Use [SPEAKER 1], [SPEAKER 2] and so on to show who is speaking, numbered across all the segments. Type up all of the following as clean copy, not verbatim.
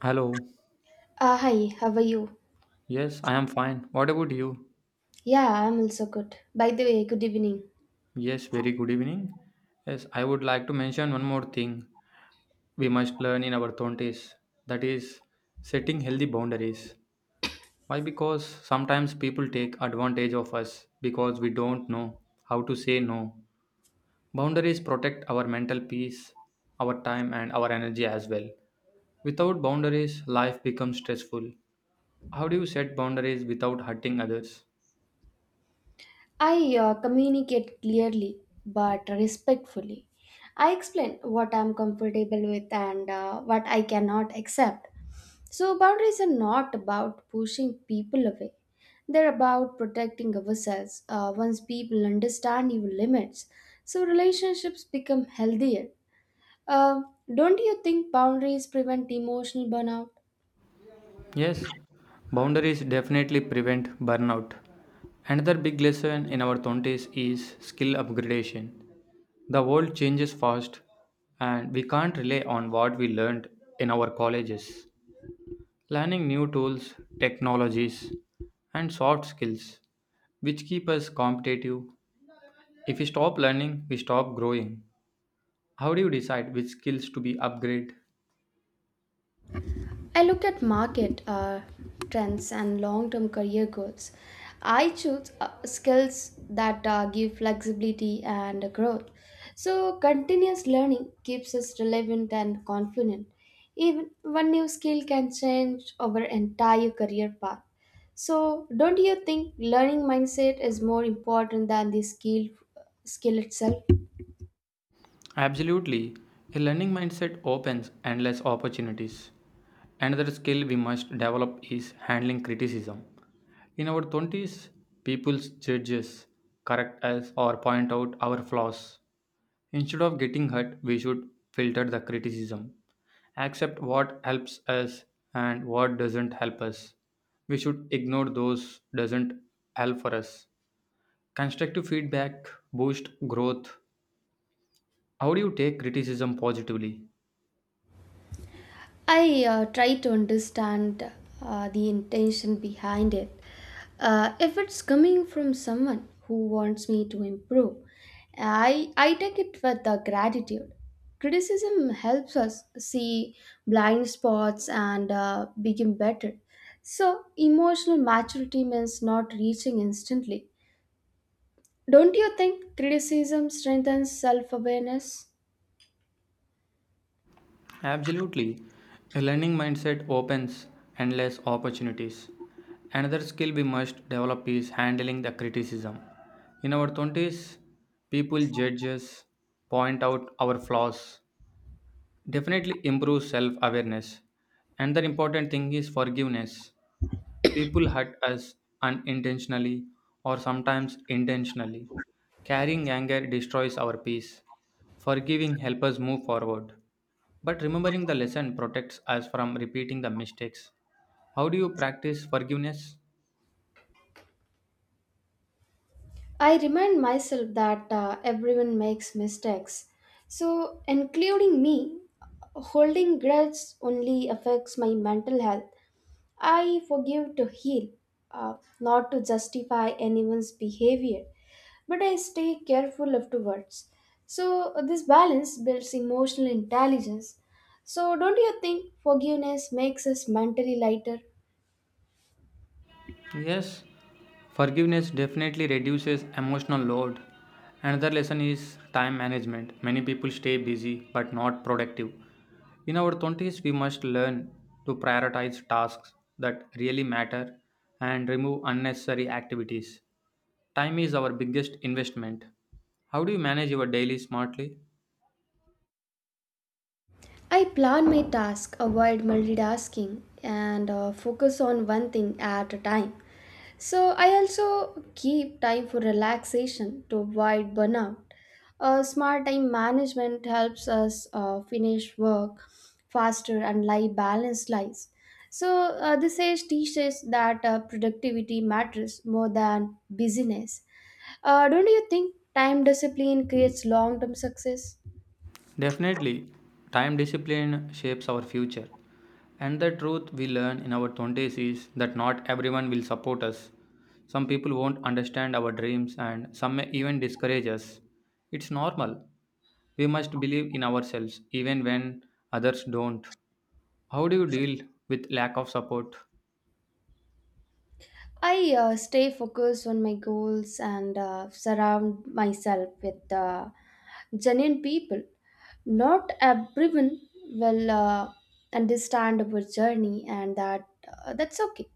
[SPEAKER 1] Hello.
[SPEAKER 2] Hi, how are you?
[SPEAKER 1] Yes, I am fine. What about you?
[SPEAKER 2] Yeah, I'm also good. By the way, good evening.
[SPEAKER 1] Yes, very good evening. Yes, I would like to mention one more thing we must learn in our 20s, that is, setting healthy boundaries. Why? Because sometimes people take advantage of us because we don't know how to say no. Boundaries protect our mental peace, our time, and our energy as well. Without boundaries, life becomes stressful. How do you set boundaries without hurting others?
[SPEAKER 2] I communicate clearly but respectfully. I explain what I'm comfortable with and what I cannot accept. So, boundaries are not about pushing people away, they're about protecting ourselves. Once people understand your limits, so relationships become healthier. Uh, don't you think boundaries prevent emotional burnout?
[SPEAKER 1] Yes, boundaries definitely prevent burnout. Another big lesson in our 20s is skill upgradation. The world changes fast, and we can't rely on what we learned in our colleges. Learning new tools, technologies, and soft skills, which keep us competitive. If we stop learning, we stop growing. How do you decide which skills to be upgraded?
[SPEAKER 2] I look at market trends and long term career goals. I choose skills that give flexibility and growth. So, continuous learning keeps us relevant and confident. Even one new skill can change our entire career path. So, don't you think learning mindset is more important than the skill itself?
[SPEAKER 1] Absolutely. A learning mindset opens endless opportunities. Another skill we must develop is handling criticism. In our 20s, people's judges correct us or point out our flaws. Instead of getting hurt, we should filter the criticism, accept what helps us and what doesn't help us. We should ignore those doesn't help for us. Constructive feedback boost growth. How do you take criticism positively?
[SPEAKER 2] I try to understand the intention behind it. If it's coming from someone who wants me to improve, I take it with gratitude. Criticism helps us see blind spots and become better. So, emotional maturity means not reaching instantly. Don't you think criticism strengthens self awareness?
[SPEAKER 1] Absolutely. A learning mindset opens endless opportunities. Another skill we must develop is handling the criticism. In our 20s, people judge us, point out our flaws, definitely improve self awareness. Another important thing is forgiveness. People hurt us unintentionally or sometimes intentionally. Carrying anger destroys our peace. Forgiving helps us move forward. But remembering the lesson protects us from repeating the mistakes. How do you practice forgiveness?
[SPEAKER 2] I remind myself that everyone makes mistakes. So, including me, holding grudges only affects my mental health. I forgive to heal, not to justify anyone's behavior, but I stay careful afterwards. So, this balance builds emotional intelligence. So, don't you think forgiveness makes us mentally lighter?
[SPEAKER 1] Yes, forgiveness definitely reduces emotional load. Another lesson is time management. Many people stay busy but not productive. In our 20s, we must learn to prioritize tasks that really matter and remove unnecessary activities. Time is our biggest investment. How do you manage your daily smartly?
[SPEAKER 2] I plan my task, avoid multitasking, and focus on one thing at a time. So, I also keep time for relaxation to avoid burnout. Smart time management helps us finish work faster and live balanced lives. So, this age teaches that productivity matters more than busyness. Don't you think time discipline creates long term success?
[SPEAKER 1] Definitely, time discipline shapes our future. And the truth we learn in our 20s is that not everyone will support us. Some people won't understand our dreams and some may even discourage us. It's normal. We must believe in ourselves even when others don't. How do you deal with lack of support?
[SPEAKER 2] I stay focused on my goals and surround myself with genuine people. Not everyone will understand our journey, and that's okay.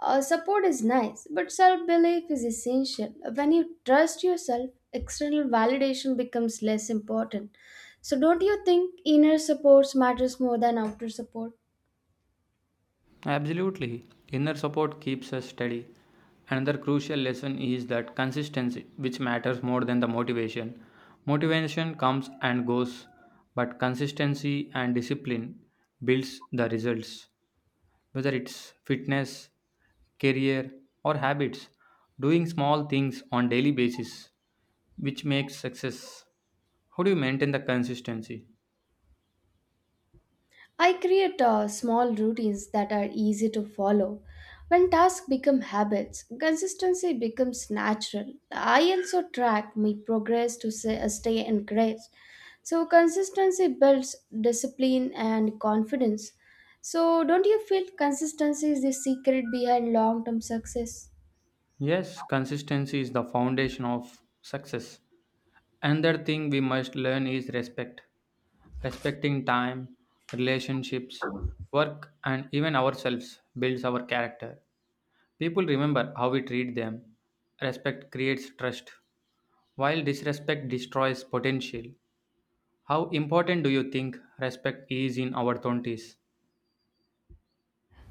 [SPEAKER 2] Support is nice, but self belief is essential. When you trust yourself, external validation becomes less important. So, don't you think inner support matters more than outer support?
[SPEAKER 1] Absolutely. Inner support keeps us steady. Another crucial lesson is that consistency, which matters more than the motivation. Motivation comes and goes, but consistency and discipline builds the results. Whether it's fitness, career, or habits, doing small things on daily basis, which makes success. How do you maintain the consistency?
[SPEAKER 2] I create small routines that are easy to follow. When tasks become habits, consistency becomes natural. I also track my progress to say, stay encouraged. So, consistency builds discipline and confidence. So, don't you feel consistency is the secret behind long term success?
[SPEAKER 1] Yes, consistency is the foundation of success. Another thing we must learn is respect. Respecting time, relationships, work, and even ourselves builds our character. People remember how we treat them. Respect creates trust, while disrespect destroys potential. How important do you think respect is in our 20s?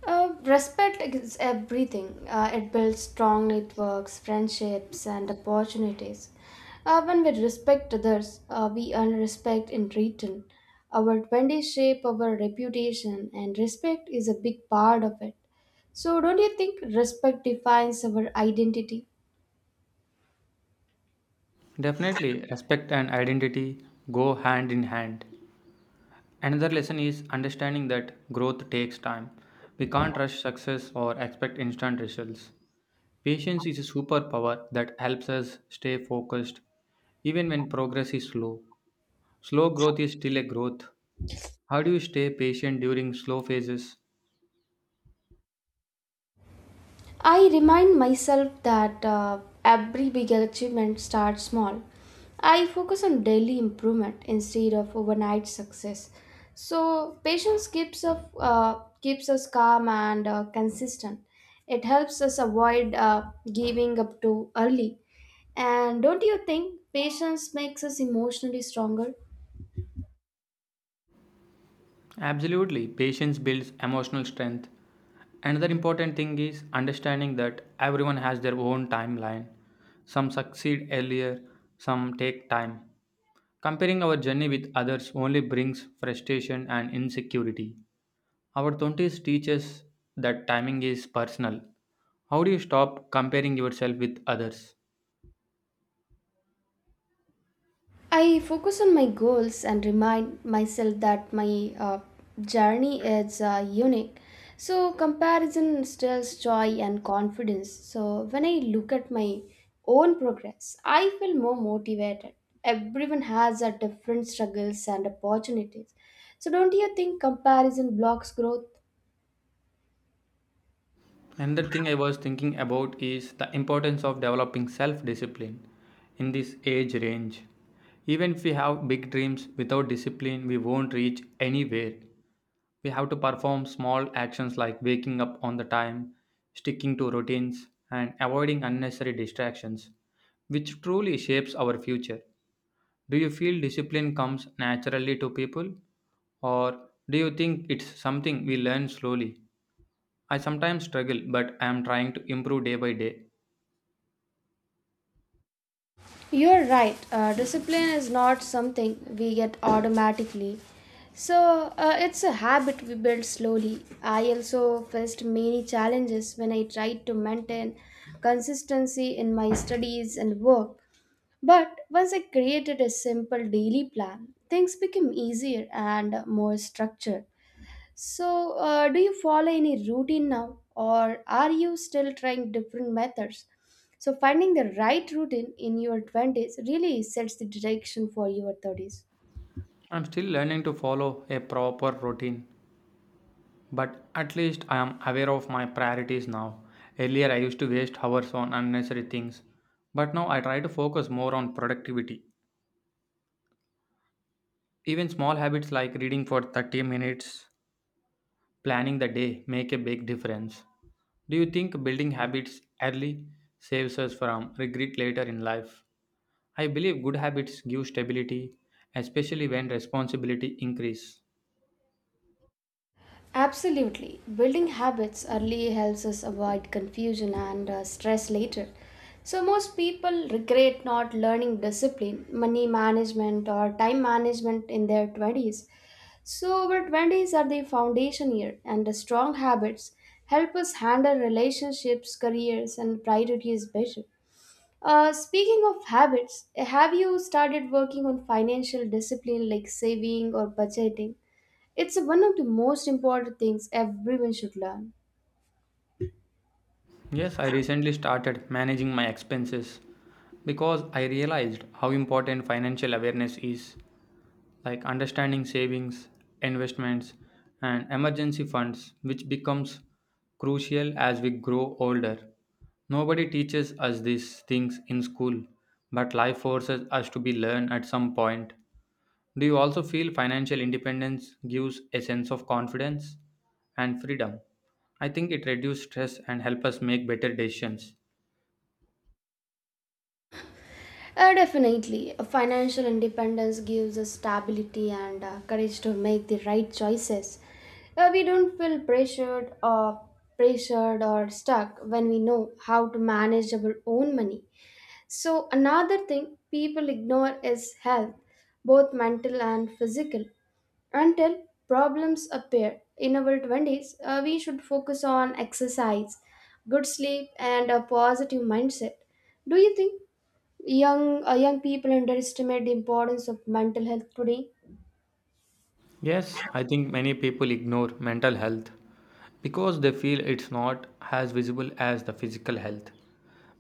[SPEAKER 2] Respect is everything. It builds strong networks, friendships, and opportunities. When we respect others, we earn respect in return. Our vendors shape our reputation, and respect is a big part of it. So, don't you think respect defines our identity?
[SPEAKER 1] Definitely, respect and identity go hand in hand. Another lesson is understanding that growth takes time. We can't rush success or expect instant results. Patience is a superpower that helps us stay focused even when progress is slow. Slow growth is still a growth. How do you stay patient during slow phases?
[SPEAKER 2] I remind myself that every big achievement starts small. I focus on daily improvement instead of overnight success. So patience keeps us calm and consistent. It helps us avoid giving up too early. And don't you think patience makes us emotionally stronger?
[SPEAKER 1] Absolutely, patience builds emotional strength. Another important thing is understanding that everyone has their own timeline. Some succeed earlier, some take time. Comparing our journey with others only brings frustration and insecurity. Our 20s teaches that timing is personal. How do you stop comparing yourself with others?
[SPEAKER 2] I focus on my goals and remind myself that my journey is unique. So, comparison steals joy and confidence. So, when I look at my own progress, I feel more motivated. Everyone has a different struggles and opportunities. So, don't you think comparison blocks growth?
[SPEAKER 1] Another thing I was thinking about is the importance of developing self discipline in this age range. Even if we have big dreams, without discipline, we won't reach anywhere. We have to perform small actions like waking up on the time, sticking to routines, and avoiding unnecessary distractions, which truly shapes our future. Do you feel discipline comes naturally to people, or do you think it's something we learn slowly? I sometimes struggle, but I am trying to improve day by day.
[SPEAKER 2] You're right. Discipline is not something we get automatically. So, it's a habit we build slowly. I also faced many challenges when I tried to maintain consistency in my studies and work. But once I created a simple daily plan, things became easier and more structured. So, do you follow any routine now, or are you still trying different methods? So, finding the right routine in your 20s really sets the direction for your 30s.
[SPEAKER 1] I'm still learning to follow a proper routine, but at least I am aware of my priorities now. Earlier, I used to waste hours on unnecessary things, but now I try to focus more on productivity. Even small habits like reading for 30 minutes, planning the day, make a big difference. Do you think building habits early saves us from regret later in life? I believe good habits give stability, especially when responsibility increase.
[SPEAKER 2] Absolutely. Building habits early helps us avoid confusion and stress later. So, most people regret not learning discipline, money management, or time management in their 20s. So, our 20s are the foundation year, and the strong habits help us handle relationships, careers, and priorities better. Speaking of habits, have you started working on financial discipline like saving or budgeting? It's one of the most important things everyone should learn.
[SPEAKER 1] Yes, I recently started managing my expenses because I realized how important financial awareness is, like understanding savings, investments, and emergency funds, which becomes crucial as we grow older. Nobody teaches us these things in school, but life forces us to be learned at some point. Do you also feel financial independence gives a sense of confidence and freedom? I think it reduces stress and helps us make better decisions.
[SPEAKER 2] Definitely, financial independence gives us stability and courage to make the right choices. We don't feel pressured or stuck when we know how to manage our own money. So another thing people ignore is health, both mental and physical. Until problems appear in our 20s, we should focus on exercise, good sleep, and a positive mindset. Do you think young people underestimate the importance of mental health today?
[SPEAKER 1] Yes, I think many people ignore mental health because they feel it's not as visible as the physical health.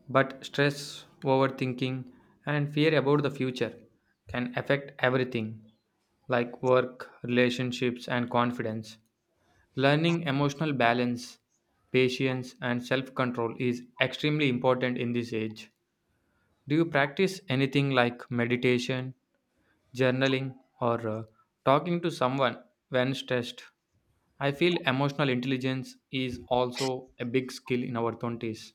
[SPEAKER 1] But stress, overthinking, and fear about the future can affect everything like work, relationships, and confidence. Learning emotional balance, patience, and self control is extremely important in this age. Do you practice anything like meditation, journaling, or talking to someone when stressed? I feel emotional intelligence is also a big skill in our 20s.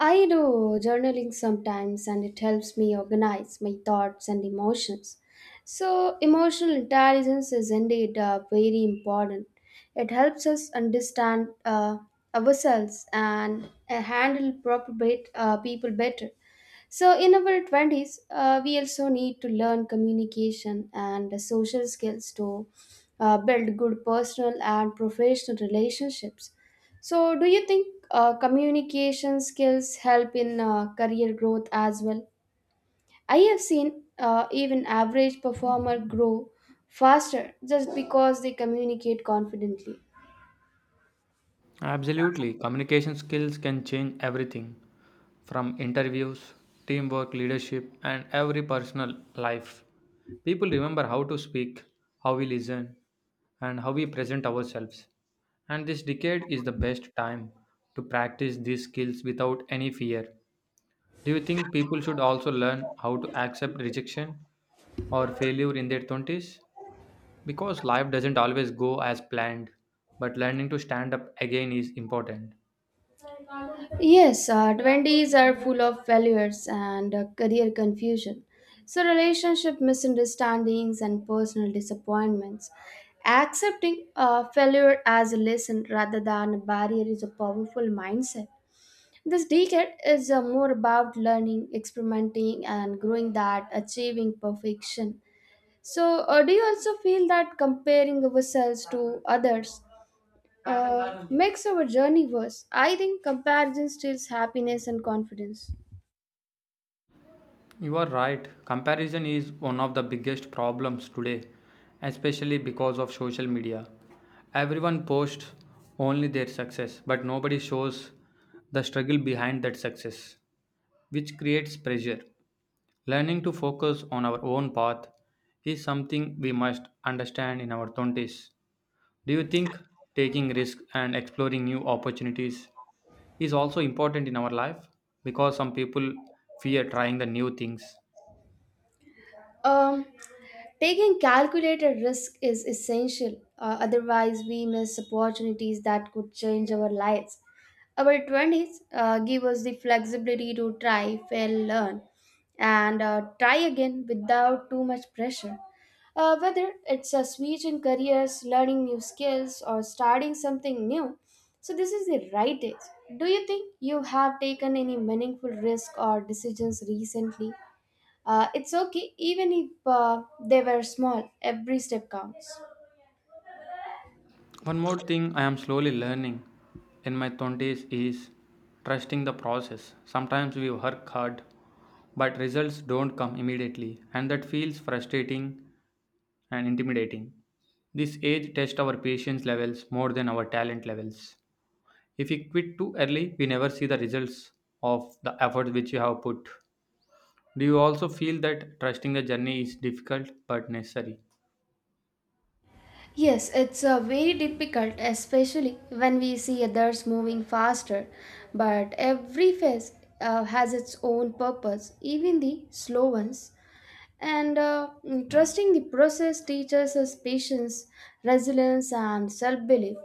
[SPEAKER 2] I do journaling sometimes and it helps me organize my thoughts and emotions. So, emotional intelligence is indeed very important. It helps us understand ourselves and handle people better. So, in our 20s, we also need to learn communication and social skills to build good personal and professional relationships. So, do you think communication skills help in career growth as well? I have seen even average performer grow faster just because they communicate confidently.
[SPEAKER 1] Absolutely. Communication skills can change everything from interviews, teamwork, leadership, and every personal life. People remember how to speak, how we listen, and how we present ourselves. And this decade is the best time to practice these skills without any fear. Do you think people should also learn how to accept rejection or failure in their 20s? Because life doesn't always go as planned, but learning to stand up again is important.
[SPEAKER 2] Yes, 20s are full of failures and career confusion. So, relationship misunderstandings and personal disappointments. Accepting failure as a lesson rather than a barrier is a powerful mindset. This decade is more about learning, experimenting, and growing than achieving perfection. So, do you also feel that comparing ourselves to others makes our journey worse? I think comparison steals happiness and confidence.
[SPEAKER 1] You are right. Comparison is one of the biggest problems today, especially because of social media. Everyone posts only their success, but nobody shows the struggle behind that success, which creates pressure. Learning to focus on our own path is something we must understand in our 20s. Do you think taking risks and exploring new opportunities is also important in our life? Because some people fear trying the new things.
[SPEAKER 2] Um, Taking calculated risk is essential, otherwise, we miss opportunities that could change our lives. Our 20s give us the flexibility to try, fail, learn, and try again without too much pressure. Whether it's a switch in careers, learning new skills, or starting something new. So, this is the right age. Do you think you have taken any meaningful risk or decisions recently? It's okay, even if they were small, every step counts.
[SPEAKER 1] One more thing I am slowly learning in my 20s is trusting the process. Sometimes we work hard, but results don't come immediately, and that feels frustrating and intimidating. This age tests our patience levels more than our talent levels. If we quit too early, we never see the results of the effort which you have put. Do you also feel that trusting the journey is difficult but necessary?
[SPEAKER 2] Yes, it's very difficult, especially when we see others moving faster. But every phase has its own purpose, even the slow ones. And trusting the process teaches us patience, resilience, and self belief.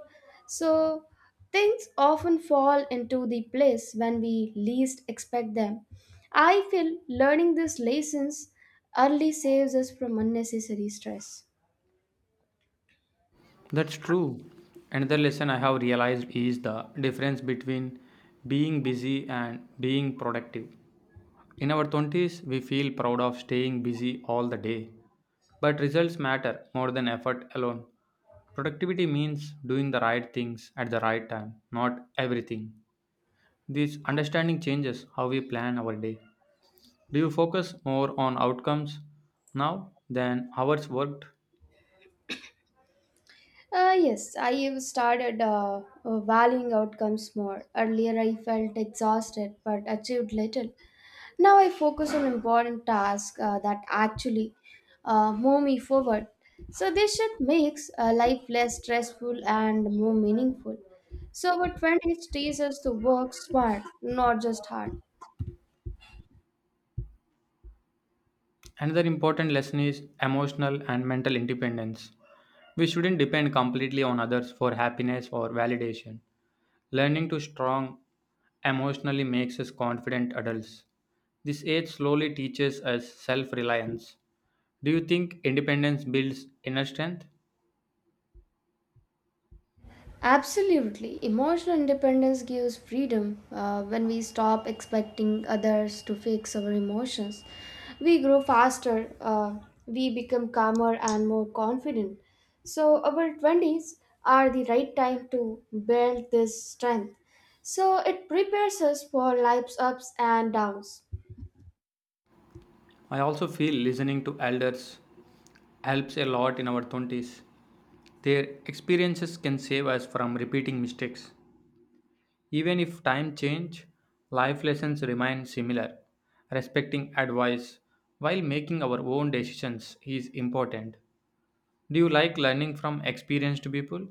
[SPEAKER 2] So, things often fall into the place when we least expect them. I feel learning these lessons early saves us from unnecessary stress.
[SPEAKER 1] That's true. Another lesson I have realized is the difference between being busy and being productive. In our 20s, we feel proud of staying busy all the day, but results matter more than effort alone. Productivity means doing the right things at the right time, not everything. This understanding changes how we plan our day. Do you focus more on outcomes now than hours worked?
[SPEAKER 2] Yes, I have started valuing outcomes more. Earlier, I felt exhausted but achieved little. Now, I focus on important tasks that actually move me forward. So, this shift makes life less stressful and more meaningful. So, our 20s teaches us to work smart, not just hard.
[SPEAKER 1] Another important lesson is emotional and mental independence. We shouldn't depend completely on others for happiness or validation. Learning to strong emotionally makes us confident adults. This age slowly teaches us self reliance. Do you think independence builds inner strength?
[SPEAKER 2] Absolutely. Emotional independence gives freedom when we stop expecting others to fix our emotions. We grow faster, we become calmer and more confident. So, our 20s are the right time to build this strength. So, it prepares us for life's ups and downs.
[SPEAKER 1] I also feel listening to elders helps a lot in our 20s. Their experiences can save us from repeating mistakes. Even if time change, life lessons remain similar. Respecting advice while making our own decisions is important. Do you like learning from experienced people?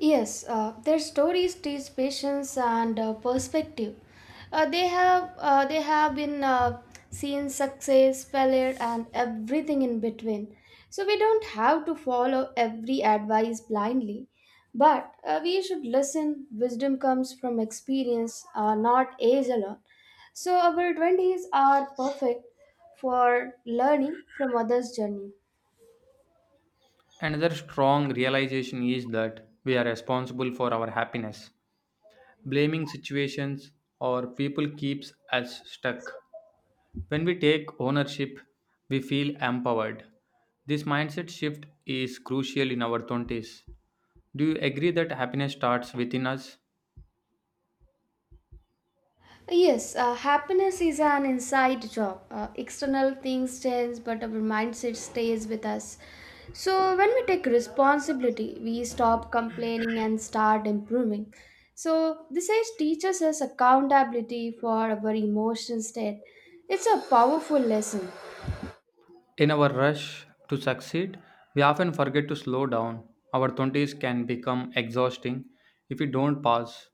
[SPEAKER 2] Yes, their stories teach patience and perspective. They have been seen success, failure, and everything in between. So we don't have to follow every advice blindly, but we should listen. Wisdom comes from experience, not age alone. So our twenties are perfect for learning from others' journey.
[SPEAKER 1] Another strong realization is that we are responsible for our happiness. Blaming situations or people keeps us stuck. When we take ownership, we feel empowered. This mindset shift is crucial in our 20s. Do you agree that happiness starts within us?
[SPEAKER 2] Yes, happiness is an inside job. External things change, but our mindset stays with us. So, when we take responsibility, we stop complaining and start improving. So, this age teaches us accountability for our emotion state. It's a powerful lesson.
[SPEAKER 1] In our rush to succeed, we often forget to slow down. Our 20s can become exhausting if we don't pause.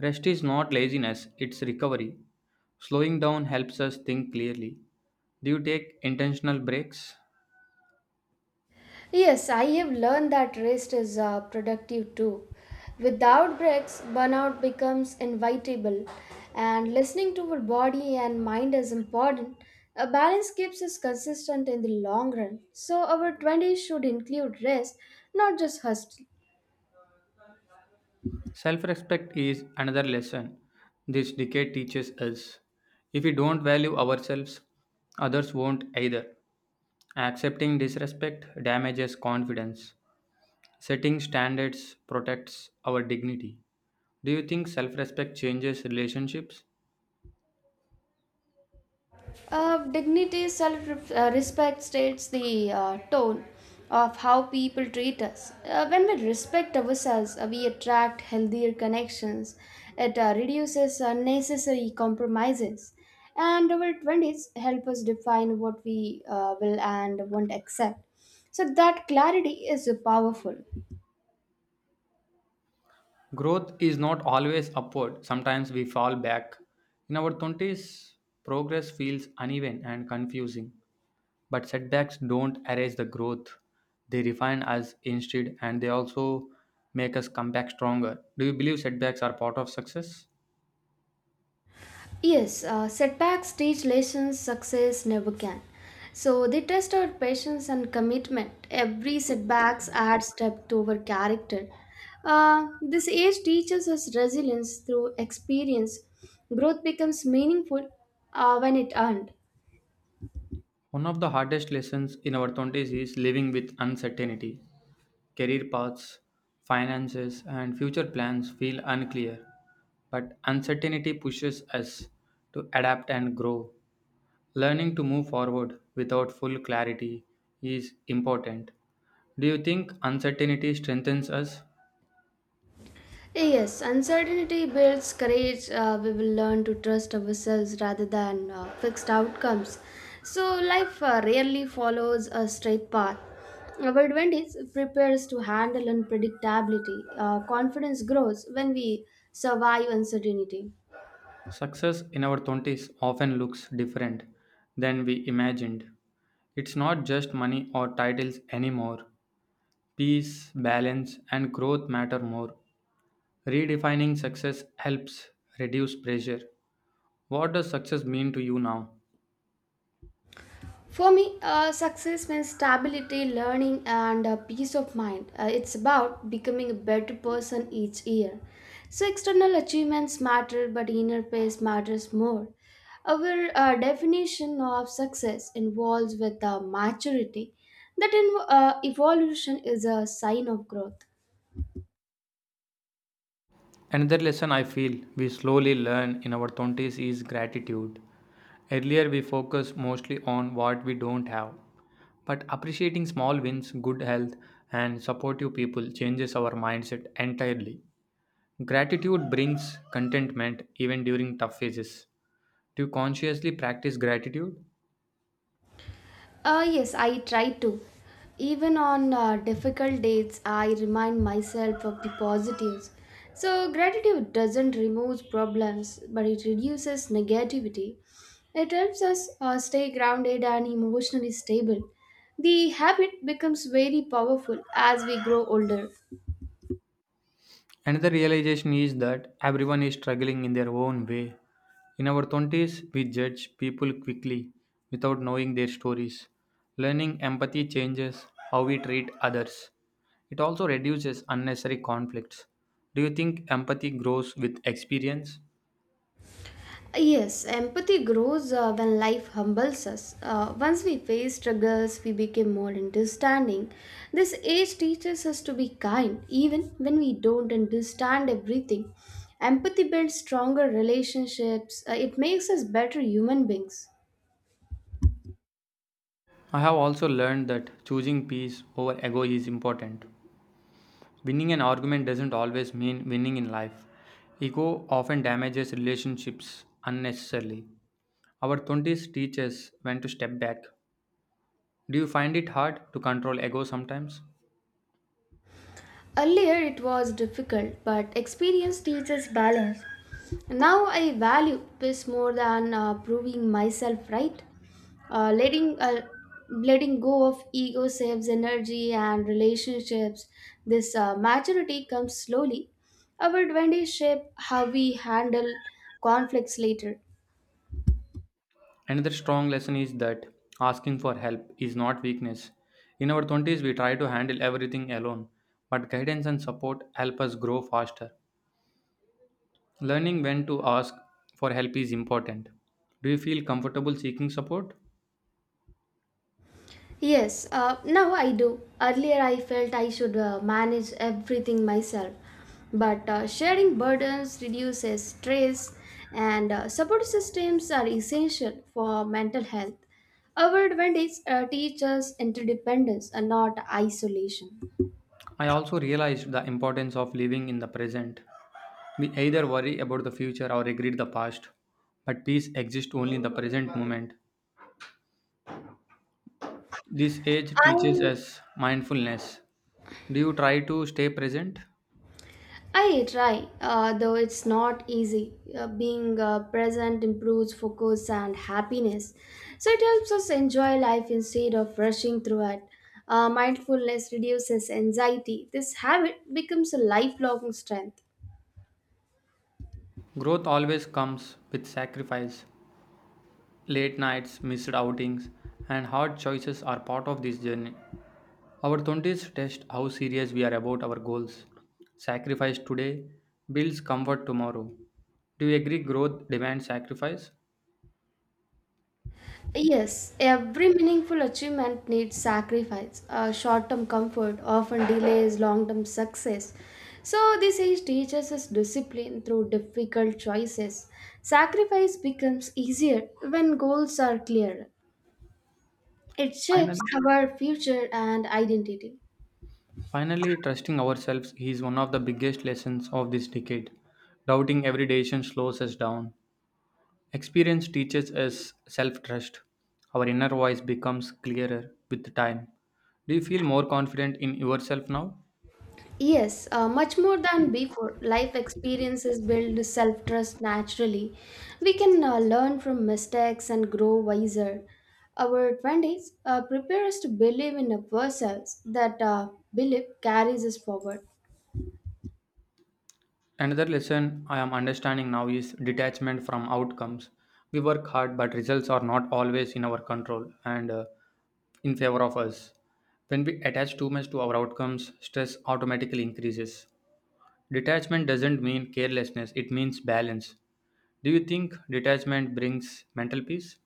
[SPEAKER 1] Rest is not laziness, it's recovery. Slowing down helps us think clearly. Do you take intentional breaks?
[SPEAKER 2] Yes, I have learned that rest is productive too. Without breaks, burnout becomes inevitable, and listening to our body and mind is important. A balance keeps us consistent in the long run, so our 20s should include rest, not just hustle.
[SPEAKER 1] Self respect is another lesson this decade teaches us. If we don't value ourselves, others won't either. Accepting disrespect damages confidence. Setting standards protects our dignity. Do you think self respect changes relationships?
[SPEAKER 2] Self respect states the tone of how people treat us. When we respect ourselves, we attract healthier connections. It reduces unnecessary compromises. And our 20s help us define what we will and won't accept. So, that clarity is powerful.
[SPEAKER 1] Growth is not always upward, sometimes we fall back. In our 20s, progress feels uneven and confusing, but setbacks don't erase the growth. They refine us instead and they also make us come back stronger. Do you believe setbacks are part of success?
[SPEAKER 2] Yes, setbacks teach lessons success never can. So they test our patience and commitment. Every setbacks adds step to our character. This age teaches us resilience through experience. Growth becomes meaningful when it earned.
[SPEAKER 1] One of the hardest lessons in our 20s is living with uncertainty. Career paths, finances, and future plans feel unclear, but uncertainty pushes us to adapt and grow. Learning to move forward without full clarity is important. Do you think uncertainty strengthens us?
[SPEAKER 2] Yes, uncertainty builds courage. We will learn to trust ourselves rather than fixed outcomes. So, life rarely follows a straight path. Our 20s prepares to handle unpredictability. Confidence grows when we survive uncertainty.
[SPEAKER 1] Success in our 20s often looks different than we imagined. It's not just money or titles anymore. Peace, balance, and growth matter more. Redefining success helps reduce pressure. What does success mean to you now?
[SPEAKER 2] For me, success means stability, learning, and peace of mind. It's about becoming a better person each year. So, external achievements matter, but inner peace matters more. Our definition of success involves with maturity. That evolution is a sign of growth.
[SPEAKER 1] Another lesson I feel we slowly learn in our 20s is gratitude. Earlier, we focused mostly on what we don't have. But appreciating small wins, good health, and supportive people changes our mindset entirely. Gratitude brings contentment even during tough phases. Do you consciously practice gratitude?
[SPEAKER 2] Yes, I try to. Even on difficult days, I remind myself of the positives. So, gratitude doesn't remove problems, but it reduces negativity. It helps us stay grounded and emotionally stable. The habit becomes very powerful as we grow older.
[SPEAKER 1] Another realization is that everyone is struggling in their own way. In our 20s, we judge people quickly without knowing their stories. Learning empathy changes how we treat others. It also reduces unnecessary conflicts. Do you think empathy grows with experience?
[SPEAKER 2] Yes, empathy grows when life humbles us. Once we face struggles, we become more understanding. This age teaches us to be kind, even when we don't understand everything. Empathy builds stronger relationships. It makes us better human beings.
[SPEAKER 1] I have also learned that choosing peace over ego is important. Winning an argument doesn't always mean winning in life. Ego often damages relationships unnecessarily. Our 20s teaches when to step back. Do you find it hard to control ego sometimes?
[SPEAKER 2] Earlier it was difficult, but experience teaches balance. Now I value peace more than proving myself right. Uh, letting uh, letting go of ego saves energy and relationships. This maturity comes slowly. Our twenties shape how we handle conflicts later.
[SPEAKER 1] Another strong lesson is that asking for help is not weakness. In our 20s, we try to handle everything alone, but guidance and support help us grow faster. Learning when to ask for help is important. Do you feel comfortable seeking support?
[SPEAKER 2] Yes, now I do. Earlier, I felt I should manage everything myself. But sharing burdens reduces stress, and support systems are essential for mental health. Our advantage teaches interdependence and not isolation.
[SPEAKER 1] I also realized the importance of living in the present. We either worry about the future or regret the past, but peace exists only in the present moment. This age teaches
[SPEAKER 2] I
[SPEAKER 1] us mindfulness. Do you try to stay present?
[SPEAKER 2] I try, though it's not easy. Being present improves focus and happiness. So it helps us enjoy life instead of rushing through it. Mindfulness reduces anxiety. This habit becomes a lifelong strength.
[SPEAKER 1] Growth always comes with sacrifice. Late nights, missed outings, and hard choices are part of this journey. Our 20s test how serious we are about our goals. Sacrifice today builds comfort tomorrow. Do you agree growth demands sacrifice?
[SPEAKER 2] Yes, every meaningful achievement needs sacrifice. Short term comfort often delays long term success. So, this age teaches us discipline through difficult choices. Sacrifice becomes easier when goals are clear. It shapes
[SPEAKER 1] Finally,
[SPEAKER 2] our future and identity.
[SPEAKER 1] finally, trusting ourselves is one of the biggest lessons of this decade. Doubting every decision slows us down. Experience teaches us self trust. Our inner voice becomes clearer with time. Do you feel more confident in yourself now?
[SPEAKER 2] Yes, much more than before, life experiences build self trust naturally. We can learn from mistakes and grow wiser. Our 20s prepare us to believe in ourselves, that belief carries us forward.
[SPEAKER 1] Another lesson I am understanding now is detachment from outcomes. We work hard, but results are not always in our control and in favor of us. When we attach too much to our outcomes, stress automatically increases. Detachment doesn't mean carelessness, it means balance. Do you think detachment brings mental peace?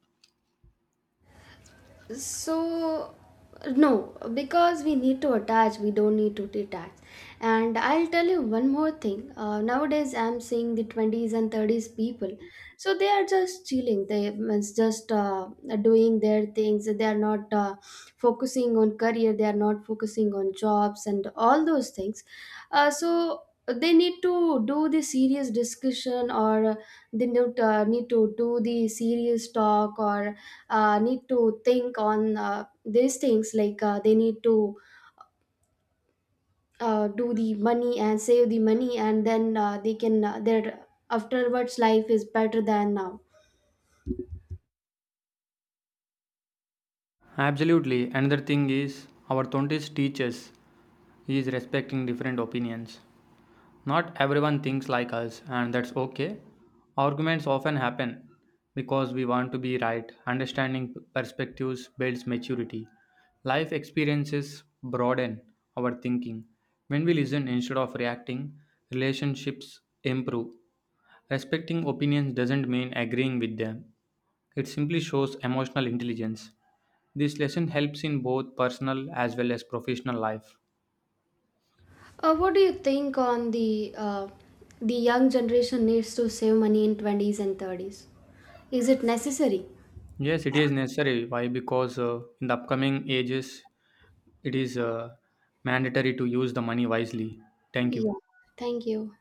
[SPEAKER 2] So, no, because we need to attach, we don't need to detach. And I'll tell you one more thing. Nowadays I'm seeing the 20s and 30s people, so they are just chilling. They means just doing their things. They are not focusing on career, they are not focusing on jobs and all those things. So they need to do the serious discussion, or they need to do the serious talk, or need to think on these things. Like they need to do the money and save the money, and then they can their afterwards life is better than now.
[SPEAKER 1] Absolutely. Another thing is our 20s teachers is respecting different opinions. Not everyone thinks like us, and that's okay. Arguments often happen because we want to be right. Understanding perspectives builds maturity. Life experiences broaden our thinking. When we listen instead of reacting, relationships improve. Respecting opinions doesn't mean agreeing with them, it simply shows emotional intelligence. This lesson helps in both personal as well as professional life.
[SPEAKER 2] What do you think on the young generation needs to save money in 20s and 30s? Is it necessary?
[SPEAKER 1] Yes, it is necessary. Why? Because in the upcoming ages, it is mandatory to use the money wisely. Thank you.
[SPEAKER 2] Yeah, thank you.